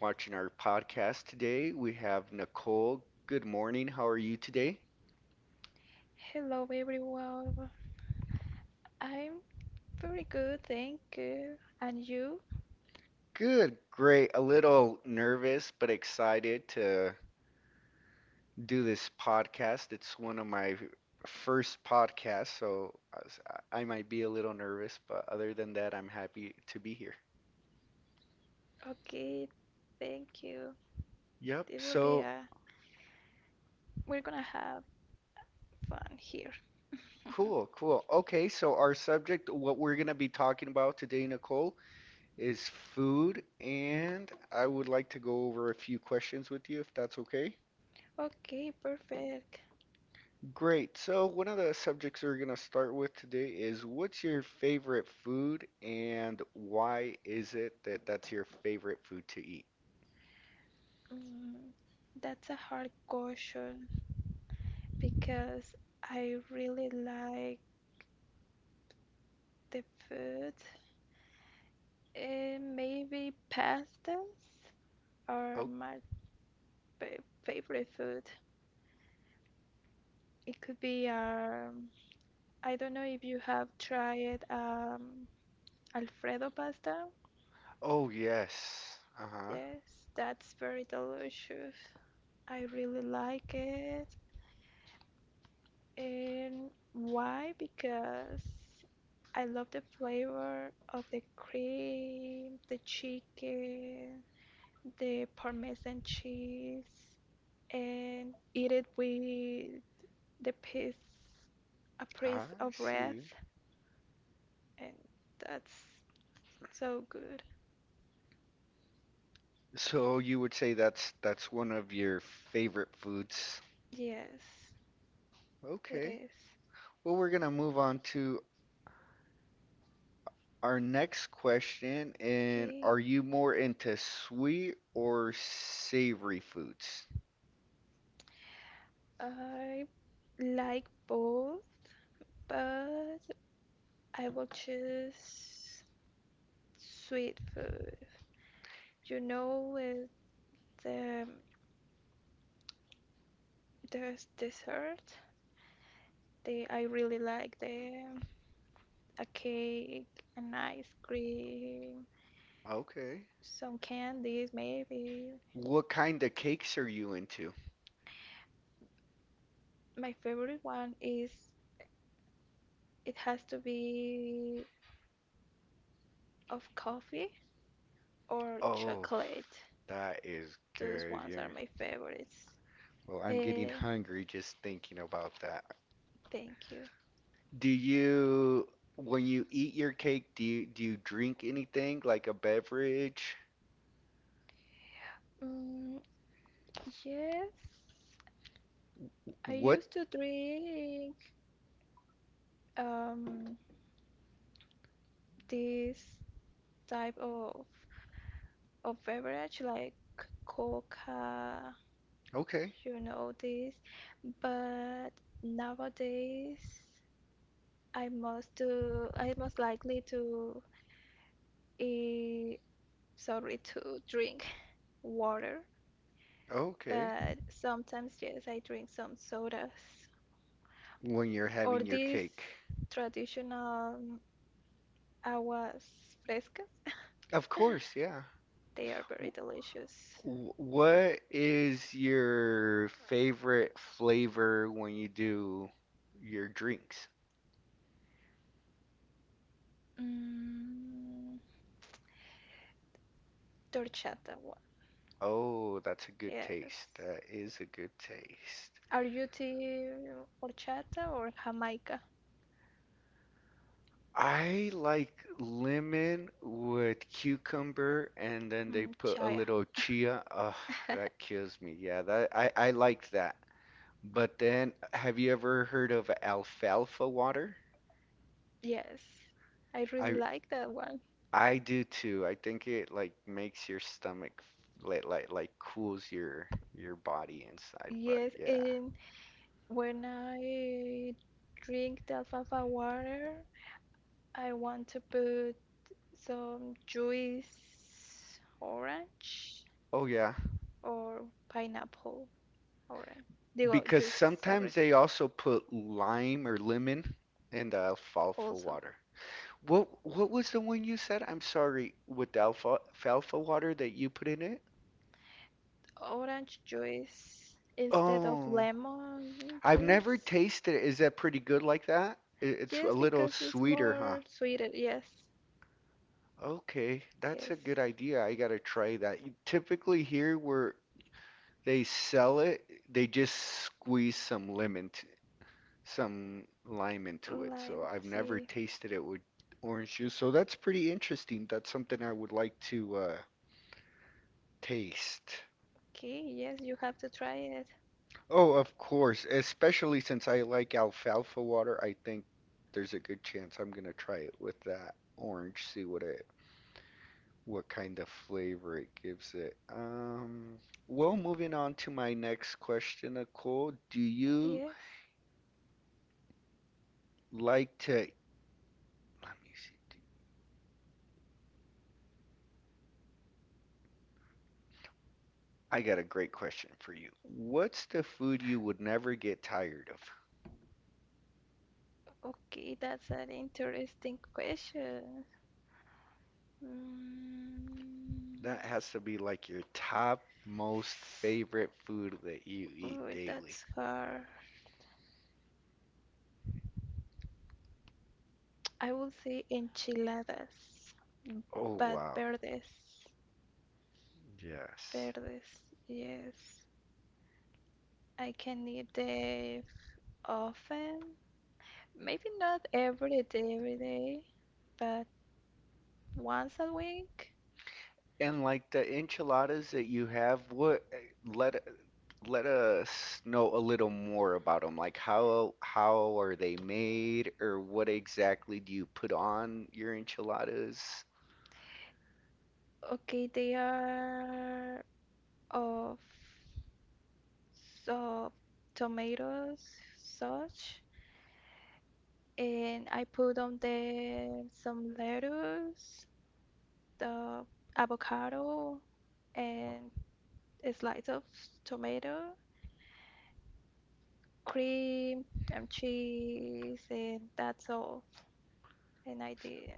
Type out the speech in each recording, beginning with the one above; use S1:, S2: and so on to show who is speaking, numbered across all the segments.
S1: watching our podcast today. We have Nicole. Good morning. How are you today?
S2: Hello everyone. I'm very good, thank you. And you?
S1: Good, great. A little nervous, but excited to do this podcast. It's one of my first podcasts, so I might be a little nervous, but other than that, I'm happy to be here.
S2: Okay, thank you.
S1: Yep.
S2: It will be
S1: So
S2: a we're gonna have fun here.
S1: cool, cool. Okay, so our subject, what we're going to be talking about today, Nicole, is food, and I would like to go over a few questions with you if that's okay.
S2: Okay, perfect.
S1: Great. So, one of the subjects we're going to start with today is what's your favorite food and why is it that that's your favorite food to eat?
S2: Mm, that's a hard question because I really like the food. Maybe pastas are
S1: Oh,
S2: my favorite food. It could be, I don't know if you have tried Alfredo pasta.
S1: oh yes. Uh-huh.
S2: Yes, that's very delicious. I really like it. And why? Because I love the flavor of the cream, the chicken, the parmesan cheese, and eat it with the piece, a
S1: I
S2: piece of bread,
S1: see.
S2: and that's so good.
S1: So you would say that's one of your favorite foods.
S2: Yes, it
S1: Okay.
S2: is.
S1: Well, we're gonna move on to our next question, and
S2: Okay.
S1: are you more into sweet or savory foods?
S2: I like both, but I will choose sweet food. You know, with the there's dessert. They I really like the a cake, an ice cream,
S1: Okay.
S2: some candies maybe.
S1: What kind of cakes are you into?
S2: My favorite one, is it has to be of coffee or
S1: Oh,
S2: chocolate.
S1: that is
S2: Those
S1: good.
S2: ones are
S1: Yeah.
S2: my favorites.
S1: Well, I'm getting
S2: Uh,
S1: hungry just thinking about that.
S2: Thank you.
S1: Do you, when you eat your cake, do you drink anything like a beverage?
S2: Mm, Yes, I
S1: What?
S2: used to drink um this type of beverage like Coca,
S1: Okay.
S2: you know this, but nowadays I must do I most likely to eh, sorry, to drink water,
S1: Okay.
S2: but sometimes yes I drink some sodas
S1: When you're
S2: or
S1: having your
S2: these
S1: cake.
S2: traditional, aguas frescas.
S1: Of course, yeah.
S2: They are very delicious.
S1: What is your favorite flavor when you do your drinks?
S2: Mm, Horchata one,
S1: Oh, that's a good taste.
S2: yes.
S1: That is a good taste.
S2: Are you the horchata or Jamaica?
S1: I like lemon with cucumber and then they put a
S2: Chaya,
S1: little chia. Ugh, that kills me. Yeah, that I liked that. But then have you ever heard of alfalfa water?
S2: yes. I really
S1: I
S2: like that one.
S1: I do too. I think it like makes your stomach like cools your body inside, but
S2: Yes,
S1: yeah.
S2: and when I drink the alfalfa water, I want to put some juice orange
S1: Oh yeah,
S2: or pineapple orange. Digo,
S1: because
S2: juice,
S1: sometimes
S2: sorry.
S1: they also put lime or lemon in the alfalfa
S2: Also,
S1: water. What was the one you said? I'm sorry, with the alfalfa water that you put in it?
S2: orange juice instead of
S1: Oh,
S2: lemon
S1: I've never
S2: juice.
S1: tasted it. Is that pretty good like that? It's a
S2: Yes,
S1: little
S2: because it's
S1: sweeter, huh?
S2: more sweeter. Yes,
S1: Okay, that's
S2: yes.
S1: a good idea. I gotta try that. Typically here we're they sell it. They just squeeze some lemon, some lime into it. So
S2: Lime
S1: I've never
S2: tea.
S1: tasted it with orange juice. So that's pretty interesting. That's something I would like to taste.
S2: Okay, yes, you have to try it.
S1: Oh, of course. Especially since I like alfalfa water, I think there's a good chance I'm gonna try it with that orange. See what kind of flavor it gives it. Well, moving on to my next question, Nicole. Do you
S2: Yes.
S1: like to let me see. Dude. I got a great question for you. What's the food you would never get tired of?
S2: Okay, that's an interesting question.
S1: That
S2: Mm,
S1: has to be like your top most favorite food that you eat
S2: Ooh,
S1: daily.
S2: that's hard. I would say enchiladas,
S1: Oh,
S2: but
S1: wow. Yes.
S2: verdes. Yes, I can eat the often. Maybe not every day, every day, but once a week.
S1: And like the enchiladas that you have, let let us know a little more about them. Like how are they made, or what exactly do you put on your enchiladas?
S2: Okay, they are of so tomatoes, such, and I put on there some lettuce, the avocado, and a slice of tomato, cream and cheese, and that's all. And I did,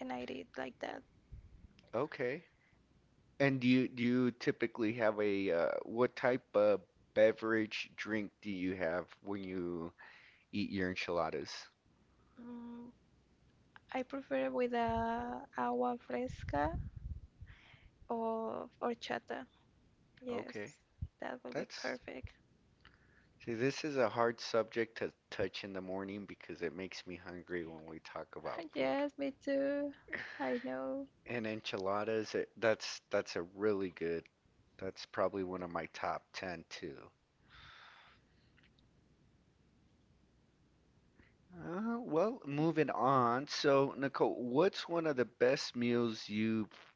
S2: and I did like that.
S1: Okay. And do you typically have a what type of beverage drink do you have when you eat your enchiladas?
S2: Mm, I prefer with a agua fresca or horchata. Yes,
S1: Okay,
S2: that will be
S1: that's
S2: perfect.
S1: See, this is a hard subject to touch in the morning because it makes me hungry when we talk about food.
S2: Yes, me too. I know.
S1: And enchiladas, that's a really good. That's probably one of my top 10 too. Well, moving on. So, Nicole, what's one of the best meals you've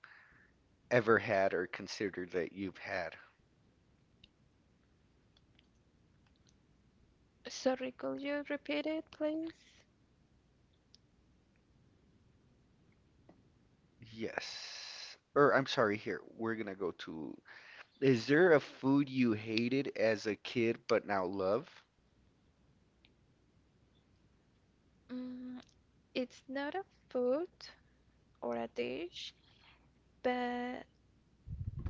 S1: ever had or considered that you've had?
S2: Sorry, could you repeat it, please?
S1: Yes. Or I'm sorry, here. We're gonna go to is there a food you hated as a kid but now love?
S2: Mm, it's not a food or a dish, but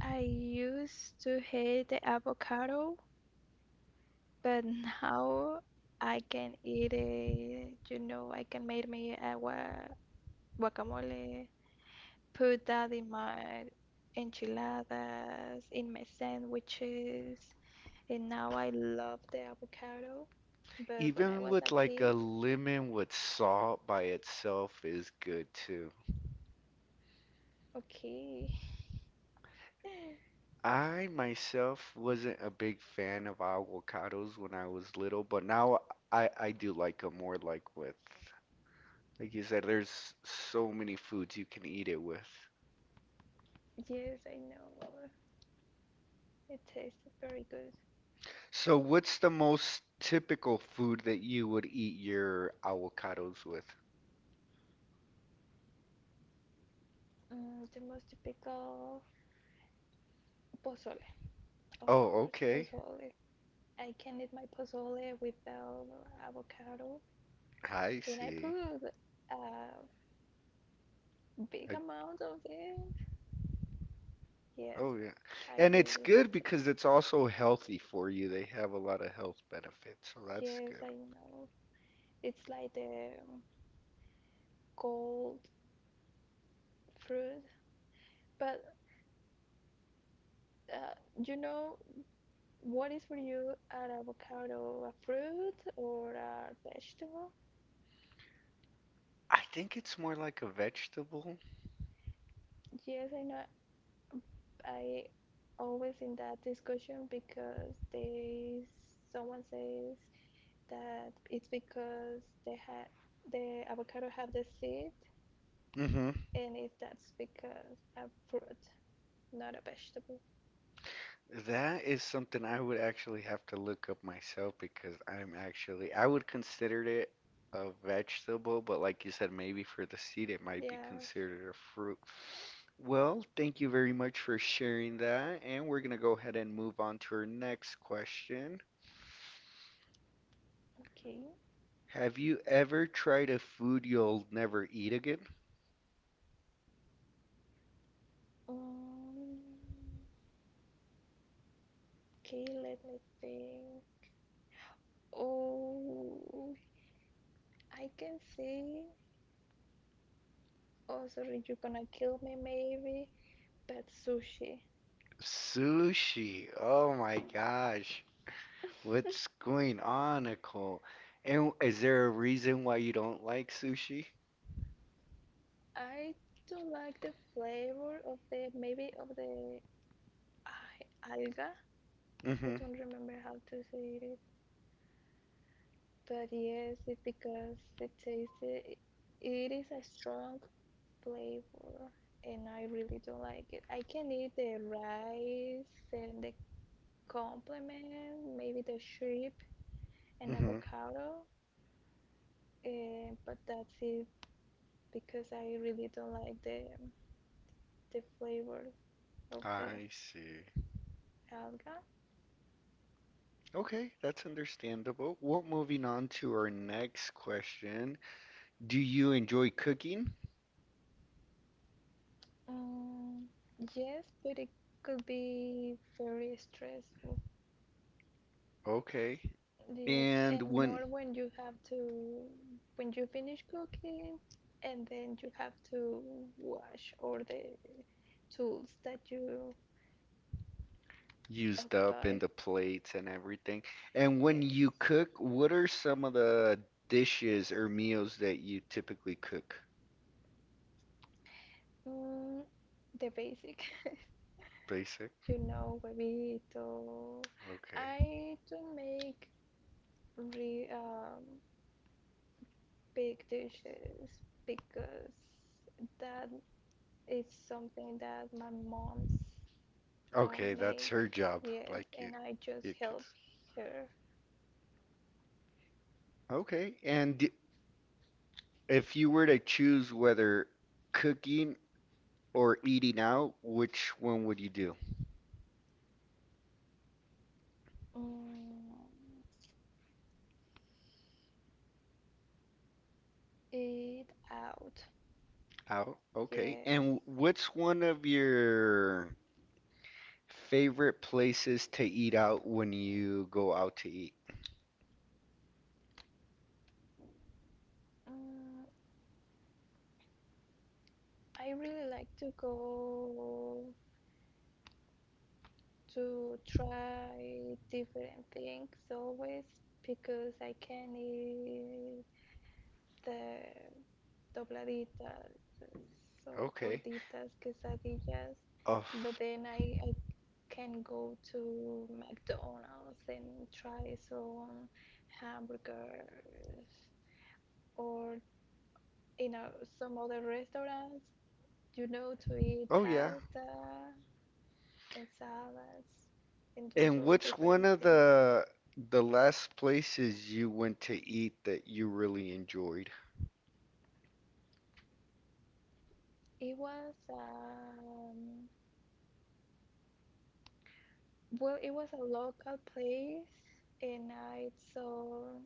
S2: I used to hate the avocado, but now I can eat it. You know, I can make me a guacamole, put that in my enchiladas, in my sandwiches, and now I love the avocado. But when I
S1: Even
S2: was
S1: with
S2: a
S1: like a
S2: kid,
S1: lemon with salt by itself is good too.
S2: okay,
S1: I myself wasn't a big fan of avocados when I was little, but now I do like them more like with like you said, there's so many foods you can eat it with.
S2: yes, I know, it tastes very good.
S1: So what's the most typical food that you would eat your avocados with?
S2: The most typical, pozole, of
S1: Oh,
S2: course,
S1: okay.
S2: pozole. I can eat my pozole without avocado,
S1: I
S2: and I put
S1: see.
S2: a big
S1: I,
S2: amount of it. Yes,
S1: oh, yeah.
S2: I
S1: And it's
S2: really,
S1: good because it's also healthy for you. They have a lot of health benefits, so that's
S2: yes,
S1: good.
S2: I know. It's like the cold fruit, but you know, what is for you an avocado, a fruit or a vegetable?
S1: I think it's more like a vegetable.
S2: Yes, I know. I always in that discussion because they someone says that it's because the avocado have the seed,
S1: Hmm.
S2: and if that's because a fruit, not a vegetable.
S1: That is something I would actually have to look up myself because I'm actually, I would consider it a vegetable, but like you said, maybe for the seed it might be
S2: Yes.
S1: considered a fruit. Well, thank you very much for sharing that, and we're gonna go ahead and move on to our next question.
S2: Okay.
S1: Have you ever tried a food you'll never eat again?
S2: Um, Okay, let me think. Oh, I can see. Oh, sorry, you're gonna kill me, maybe. But sushi.
S1: Sushi. Oh my gosh. What's going on, Nicole? And is there a reason why you don't like sushi?
S2: I don't like the flavor of the maybe of the alga. I
S1: Mm-hmm.
S2: don't remember how to say it, but yes, it's because it is a strong flavor, and I really don't like it. I can eat the rice and the complement, maybe the shrimp, and
S1: Mm-hmm.
S2: avocado, but that's it because I really don't like the flavor of the
S1: I see.
S2: alga.
S1: Okay, that's understandable. Well, moving on to our next question. Do you enjoy cooking?
S2: Um, yes, but it could be very stressful.
S1: Okay.
S2: Yes,
S1: And
S2: and
S1: when
S2: more when you have to when you finish cooking and then you have to wash all the tools that you
S1: used up in
S2: occupied.
S1: the plates and everything. And when
S2: Yes.
S1: you cook, what are some of the dishes or meals that you typically cook?
S2: Mm, the basic.
S1: Basic?
S2: You know, bebito,
S1: Okay.
S2: I don't make re big dishes because that is something that my mom's
S1: Okay, that's her
S2: make.
S1: job.
S2: Yes,
S1: Like you,
S2: and I just
S1: you could.
S2: help her.
S1: Okay, and if you were to choose whether cooking or eating out, which one would you do?
S2: Mm, Eat out.
S1: Out. Okay.
S2: Yes.
S1: And what's one of your favorite places to eat out when you go out to eat?
S2: Mm, I really like to go to try different things always because I can eat the dobladitas, so
S1: Okay.
S2: gorditas, quesadillas,
S1: Oh,
S2: but I can go to McDonald's and try some hamburgers or in a, some other restaurants, you know, to eat
S1: oh yeah.
S2: pasta and salads and do
S1: And
S2: so
S1: which one
S2: different
S1: of
S2: things.
S1: the last places you went to eat that you really enjoyed?
S2: It was, well, it was a local place, and I saw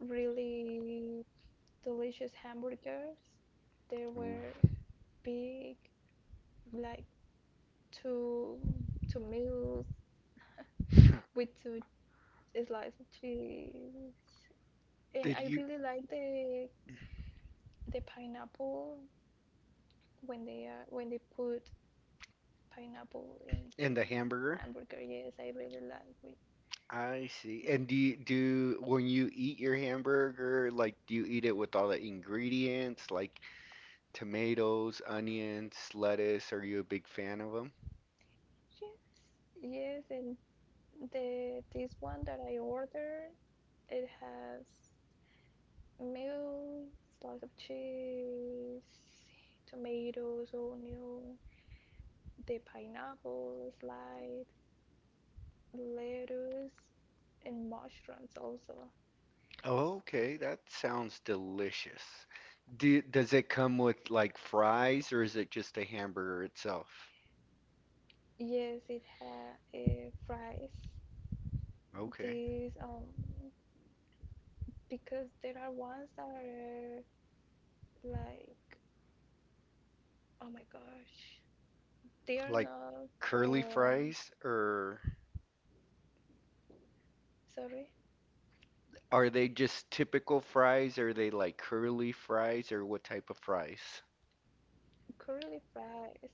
S2: really delicious hamburgers. They
S1: Ooh.
S2: were big, like two two meals with two slices of cheese, and
S1: Did
S2: I
S1: you
S2: really like the pineapple when they put pineapple in the
S1: and the hamburger?
S2: hamburger. Yes, I really like with
S1: I see. And do when you eat your hamburger, like do you eat it with all the ingredients, like tomatoes, onions, lettuce? Are you a big fan of them?
S2: cheese. Yes, and The this one that I ordered, it has milk, slice of cheese, tomatoes, onion, the pineapple slide, lettuce, and mushrooms also.
S1: Oh, okay, that sounds delicious. Does it come with like fries or is it just a hamburger itself?
S2: Yes, it had fries.
S1: Okay.
S2: These Because there are ones that are like oh my gosh, they are
S1: Like
S2: not
S1: curly
S2: for
S1: fries, or
S2: sorry
S1: are they just typical fries? Are they like curly fries, or what type of fries?
S2: curly fries.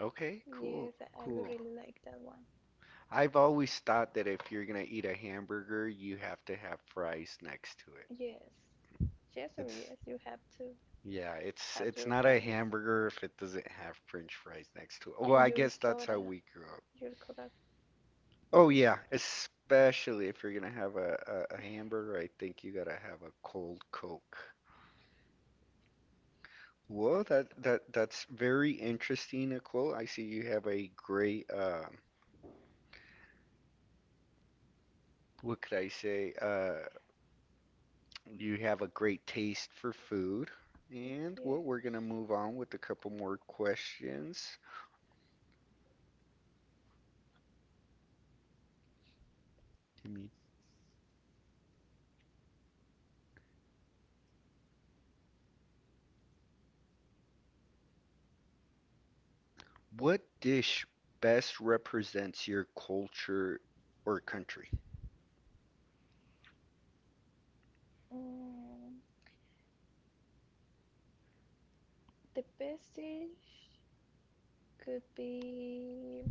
S1: Okay, cool,
S2: Yes, I
S1: cool.
S2: really like that one.
S1: I've always thought that if you're gonna eat a hamburger, you have to have fries next to it.
S2: Yes. Yes or
S1: It's
S2: yes, you have to
S1: yeah, it's
S2: have
S1: it's
S2: your
S1: not a
S2: fries
S1: hamburger if it doesn't have French fries next to it. Well,
S2: and
S1: I
S2: your
S1: guess that's how
S2: soda,
S1: we grew up.
S2: your Coca.
S1: Oh yeah, especially if you're gonna have a hamburger, I think you gotta have a cold Coke. Well, that's very interesting, Nicole. I see you have a great what could I say? You have a great taste for food. And well, we're gonna
S2: Yes.
S1: move on with a couple more questions. Give me- What dish best represents your culture or country?
S2: Mm, the best dish could be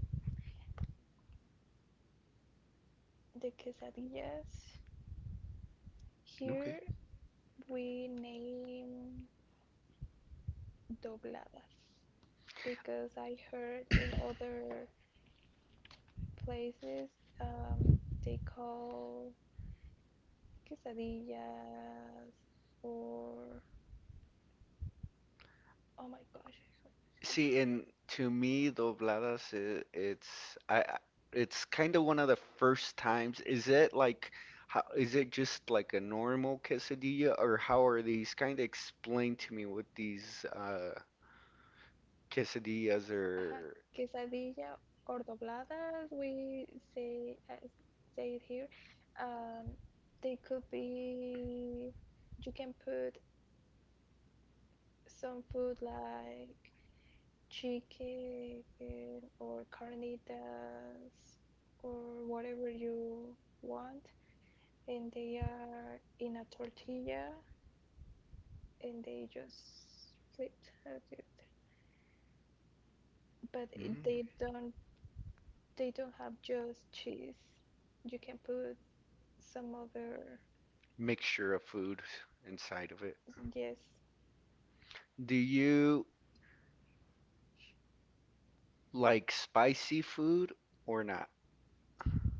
S2: the quesadillas.
S1: Okay.
S2: Here we name dobladas because I heard in other places, um, they call quesadillas or oh my gosh.
S1: See, and to me, dobladas, i- it's I, I- it's kind of one of the first times. Is it like, how, is it just like a normal quesadilla, or how are these? Kind of explain to me what these quesadillas
S2: Ajá,
S1: are.
S2: quesadilla or dobladas, we say uh, say it here. Um, they could be. You can put some food like chicken or carnitas or whatever you want, and they are in a tortilla and they just flipped. But
S1: Mm,
S2: they don't, they don't have just cheese. You can put some other.
S1: mixture of food inside of it.
S2: Yes.
S1: Do you like spicy food or not?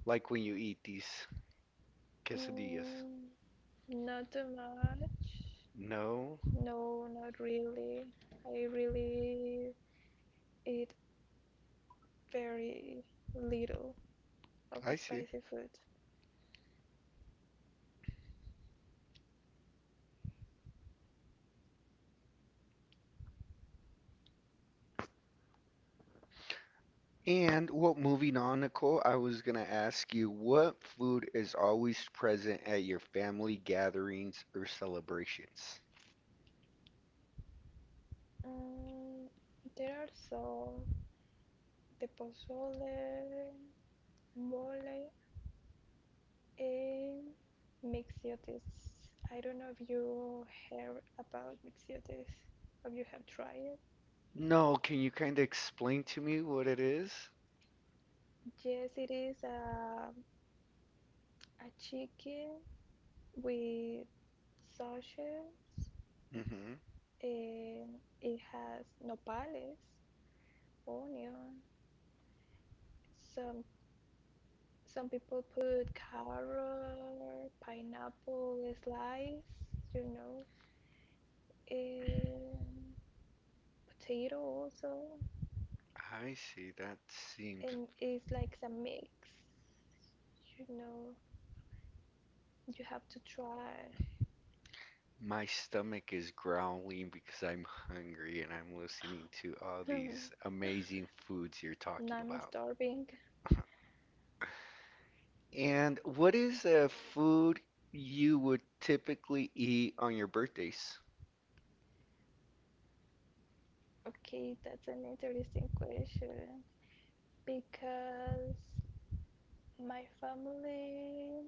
S1: Like when you eat these quesadillas?
S2: Mm, Not too much.
S1: No.
S2: No, not really. I really eat very little of
S1: I see.
S2: spicy food.
S1: And well, moving on, Nicole, I was gonna ask you what food is always present at your family gatherings or celebrations?
S2: Mm, there are some, the pozole, mole, and mixiotes. I don't know if you heard about mixiotes. Have you have tried?
S1: No, can you kind of explain to me what it is?
S2: Yes, it is a chicken with sausage,
S1: Mm-hmm.
S2: and it has nopales, onion. Some some people put carrot, pineapple slice, you know, and potato also,
S1: I see. That seems
S2: and it's like a mix. You know, you have to try.
S1: my stomach is growling because I'm hungry and I'm listening to all these amazing foods you're
S2: Now
S1: talking
S2: I'm
S1: about.
S2: starving.
S1: And what is a food you would typically eat on your birthdays?
S2: Okay, that's an interesting question because my family,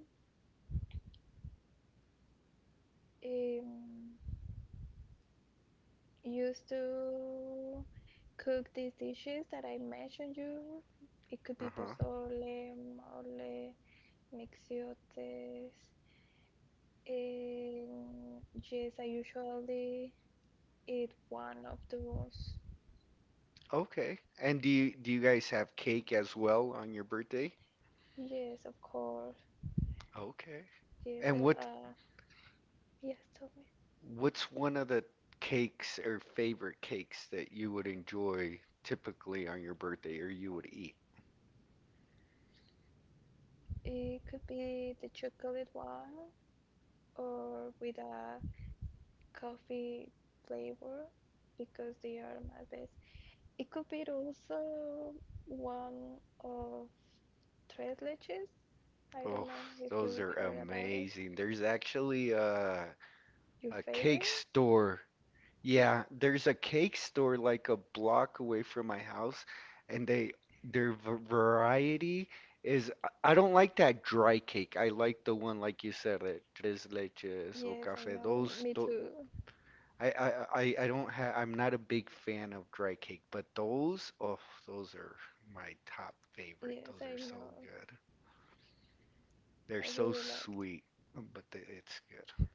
S2: um, used to cook these dishes that I mentioned you. It could be
S1: Uh-huh.
S2: pozole, mole, mixiotes. And yes, I usually eat one of those.
S1: Okay. And do you guys have cake as well on your birthday?
S2: Yes, of course.
S1: Okay.
S2: Yes,
S1: And
S2: I'll,
S1: what
S2: uh, yes, tell me.
S1: what's one of the cakes or favorite cakes that you would enjoy typically on your birthday, or you would eat?
S2: It could be the chocolate one or with a coffee flavor because they are my best. It could be also one of tres leches. I don't
S1: Oh,
S2: know if
S1: those
S2: you
S1: are
S2: heard about it.
S1: amazing. There's actually
S2: Your
S1: a cake
S2: favorite?
S1: store. Yeah, there's a cake store like a block away from my house, and they their variety is I don't like that dry cake. I like the one like you said, tres leches or
S2: Yes, I
S1: café.
S2: know.
S1: Those,
S2: Me
S1: tho-
S2: too.
S1: I don't have. I'm not a big fan of dry cake, but those, oh, those are my top favorite.
S2: Yes,
S1: Those
S2: I
S1: are so
S2: know.
S1: good. They're
S2: I
S1: so
S2: really liked.
S1: sweet, but they, it's good.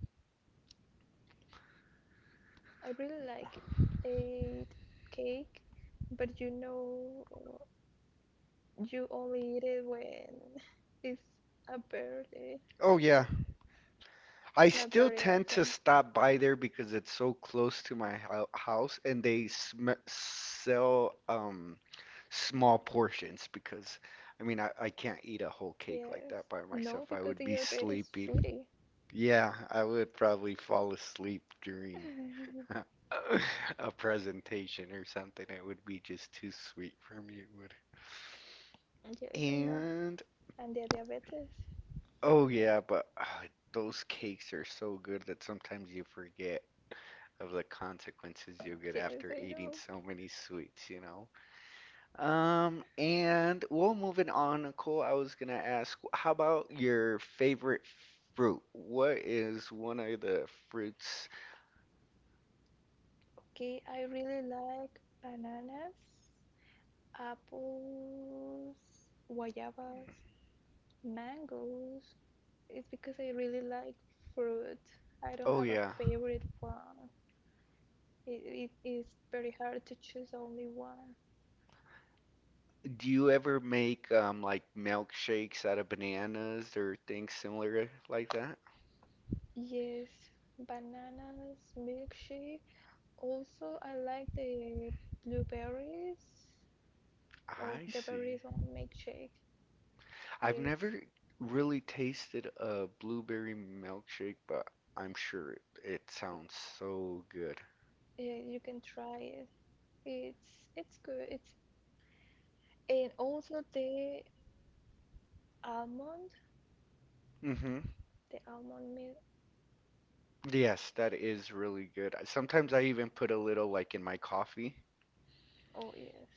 S2: I really like ate cake, but you know, you only eat it when it's a birthday,
S1: Oh yeah, I
S2: not
S1: still
S2: very
S1: tend to
S2: often.
S1: stop by there because it's so close to my house and they sm sell small portions because I can't eat a whole cake like
S2: Yes.
S1: that by
S2: No,
S1: myself. I
S2: because
S1: would be
S2: your are very
S1: sleeping.
S2: sweetie.
S1: Yeah, I would probably fall asleep during a presentation or something. It would be just too sweet for me. It would.
S2: Yes, I know.
S1: And
S2: And the diabetes.
S1: oh yeah, but ah, those cakes are so good that sometimes you forget of the consequences you get
S2: Yes,
S1: after
S2: I
S1: eating
S2: know.
S1: so many sweets, you know. And well, moving on, Nicole, I was gonna ask, how about your favorite fruit? What is one of the fruits?
S2: Okay, I really like bananas, apples, guayabas, mangoes. It's because I really like fruit. I don't
S1: Oh
S2: have a
S1: yeah,
S2: favorite one. It is very hard to choose only one.
S1: do you ever make like milkshakes out of bananas or things similar like that?
S2: Yes, bananas, milkshake. Also, I like the blueberries or
S1: I
S2: the
S1: see.
S2: berries on milkshake.
S1: I've
S2: Yes,
S1: never really tasted a blueberry milkshake, but I'm sure it, it sounds so good.
S2: yeah, you can try it. It's good. It's And also almond,
S1: Mm-hmm.
S2: the almond milk.
S1: Yes, that is really good. Sometimes I even put a little like in my coffee.
S2: Oh yes.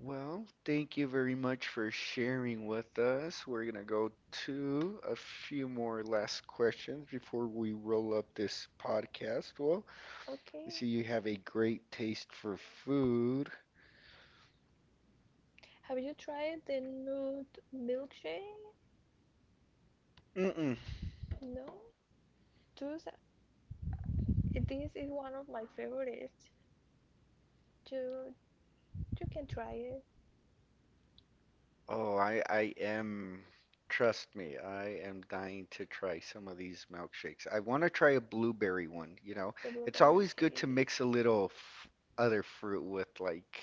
S1: Well, thank you very much for sharing with us. We're gonna go to a few more last questions before we roll up this podcast. Well, I
S2: Okay.
S1: see you have a great taste for food.
S2: Have you tried the nude milkshake?
S1: Mm-mm.
S2: No. Those are- this is one of my favorites. You you can try it.
S1: Oh, I am. Trust me, I am dying to try some of these milkshakes. I want to try a blueberry one, you know.
S2: The
S1: It's
S2: blueberry.
S1: always good
S2: Okay.
S1: to mix a little f other fruit with like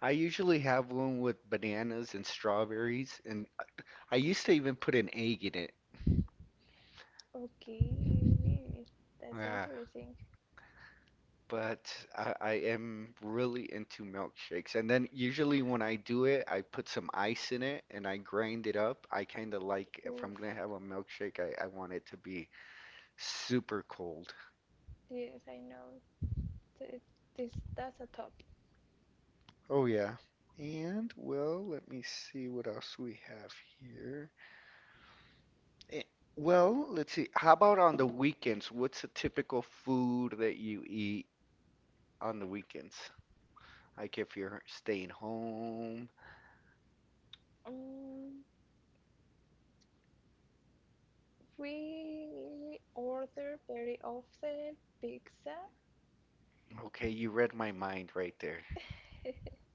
S1: I usually have one with bananas and strawberries and I used to even put an egg in it.
S2: Okay. That's
S1: Yeah,
S2: interesting.
S1: but I am really into milkshakes. And then usually when I do it, I put some ice in it and I grind it up. I kind of like if I'm gonna
S2: Oof.
S1: have a milkshake, I want it to be super cold.
S2: Yes, I know. Th- This, that's a top.
S1: Oh yeah. And well, let me see what else we have here. Eh, well, let's see. How about on the weekends? What's a typical food that you eat on the weekends? Like if you're staying home.
S2: Um, we order very often pizza.
S1: Okay, you read my mind right there.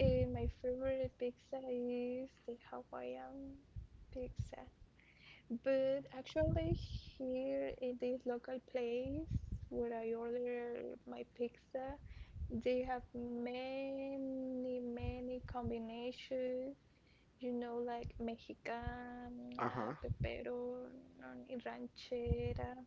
S2: My favorite pizza is the Hawaiian pizza. But actually, here in this local place where I order my pizza, they have many, many combinations, you know, like Mexicana,
S1: Uh-huh.
S2: pepperoni, ranchera,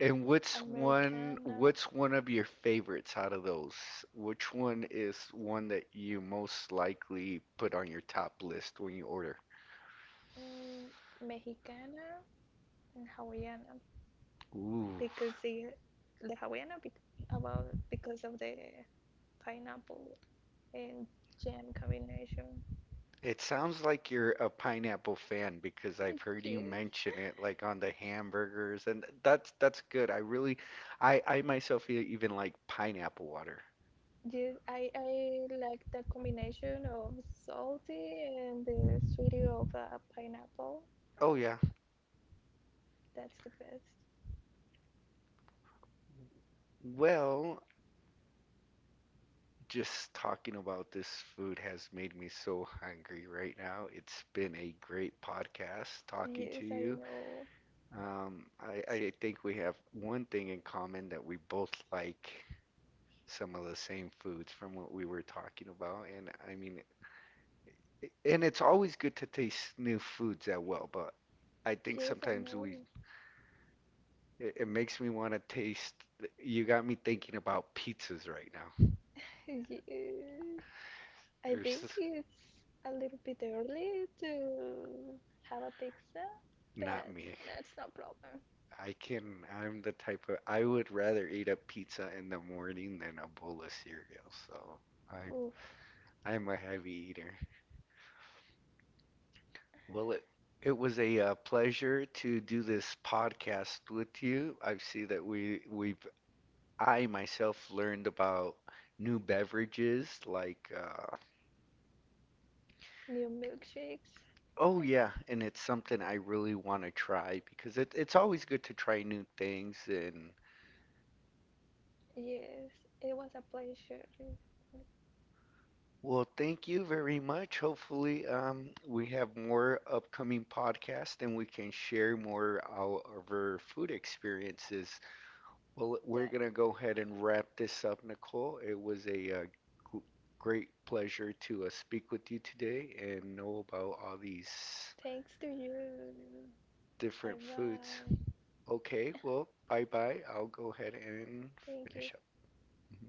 S1: And
S2: Americana,
S1: what's one of your favorites out of those? Which one is one that you most likely put on your top list when you order?
S2: mm, Mexicana, and Hawaiiana
S1: Ooh.
S2: because the Hawaiiana be, about because of the pineapple and jam combination.
S1: It sounds like you're a pineapple fan because I've heard you
S2: Yes,
S1: mention it like on the hamburgers and that's good. I really I myself even like pineapple water.
S2: yes, I like the combination of salty and the sweetie of a pineapple.
S1: Oh yeah.
S2: That's the best.
S1: Well, just talking about this food has made me so hungry right now. It's been a great podcast talking
S2: Yes,
S1: to
S2: I
S1: you.
S2: know.
S1: I think we have one thing in common that we both like some of the same foods from what we were talking about. And I mean, and it's always good to taste new foods as well, but I think
S2: Yes, I
S1: sometimes
S2: know.
S1: we it makes me want to taste. You got me thinking about pizzas right now.
S2: Yes. I
S1: There's
S2: think
S1: this-
S2: it's a little bit early to have a pizza,
S1: not
S2: but
S1: me.
S2: that's no problem.
S1: I can. I'm the type of. I would rather eat a pizza in the morning than a bowl of cereal. I
S2: Oof,
S1: I'm a heavy eater. Well, it was a pleasure to do this podcast with you. I see that we we've I myself learned about new beverages like
S2: new milkshakes.
S1: oh yeah, and it's something I really want to try because it, it's always good to try new things and
S2: Yes, it was a pleasure.
S1: well, thank you very much. Hopefully, we have more upcoming podcasts and we can share more of our food experiences. Well, we're
S2: Yeah,
S1: gonna go ahead and wrap this up, Nicole. It was a g- great pleasure to speak with you today and know about all these
S2: thanks to you. Bye
S1: different foods.
S2: bye.
S1: Okay, well, bye bye. I'll go ahead and
S2: Thank you.
S1: finish up. Mm-hmm.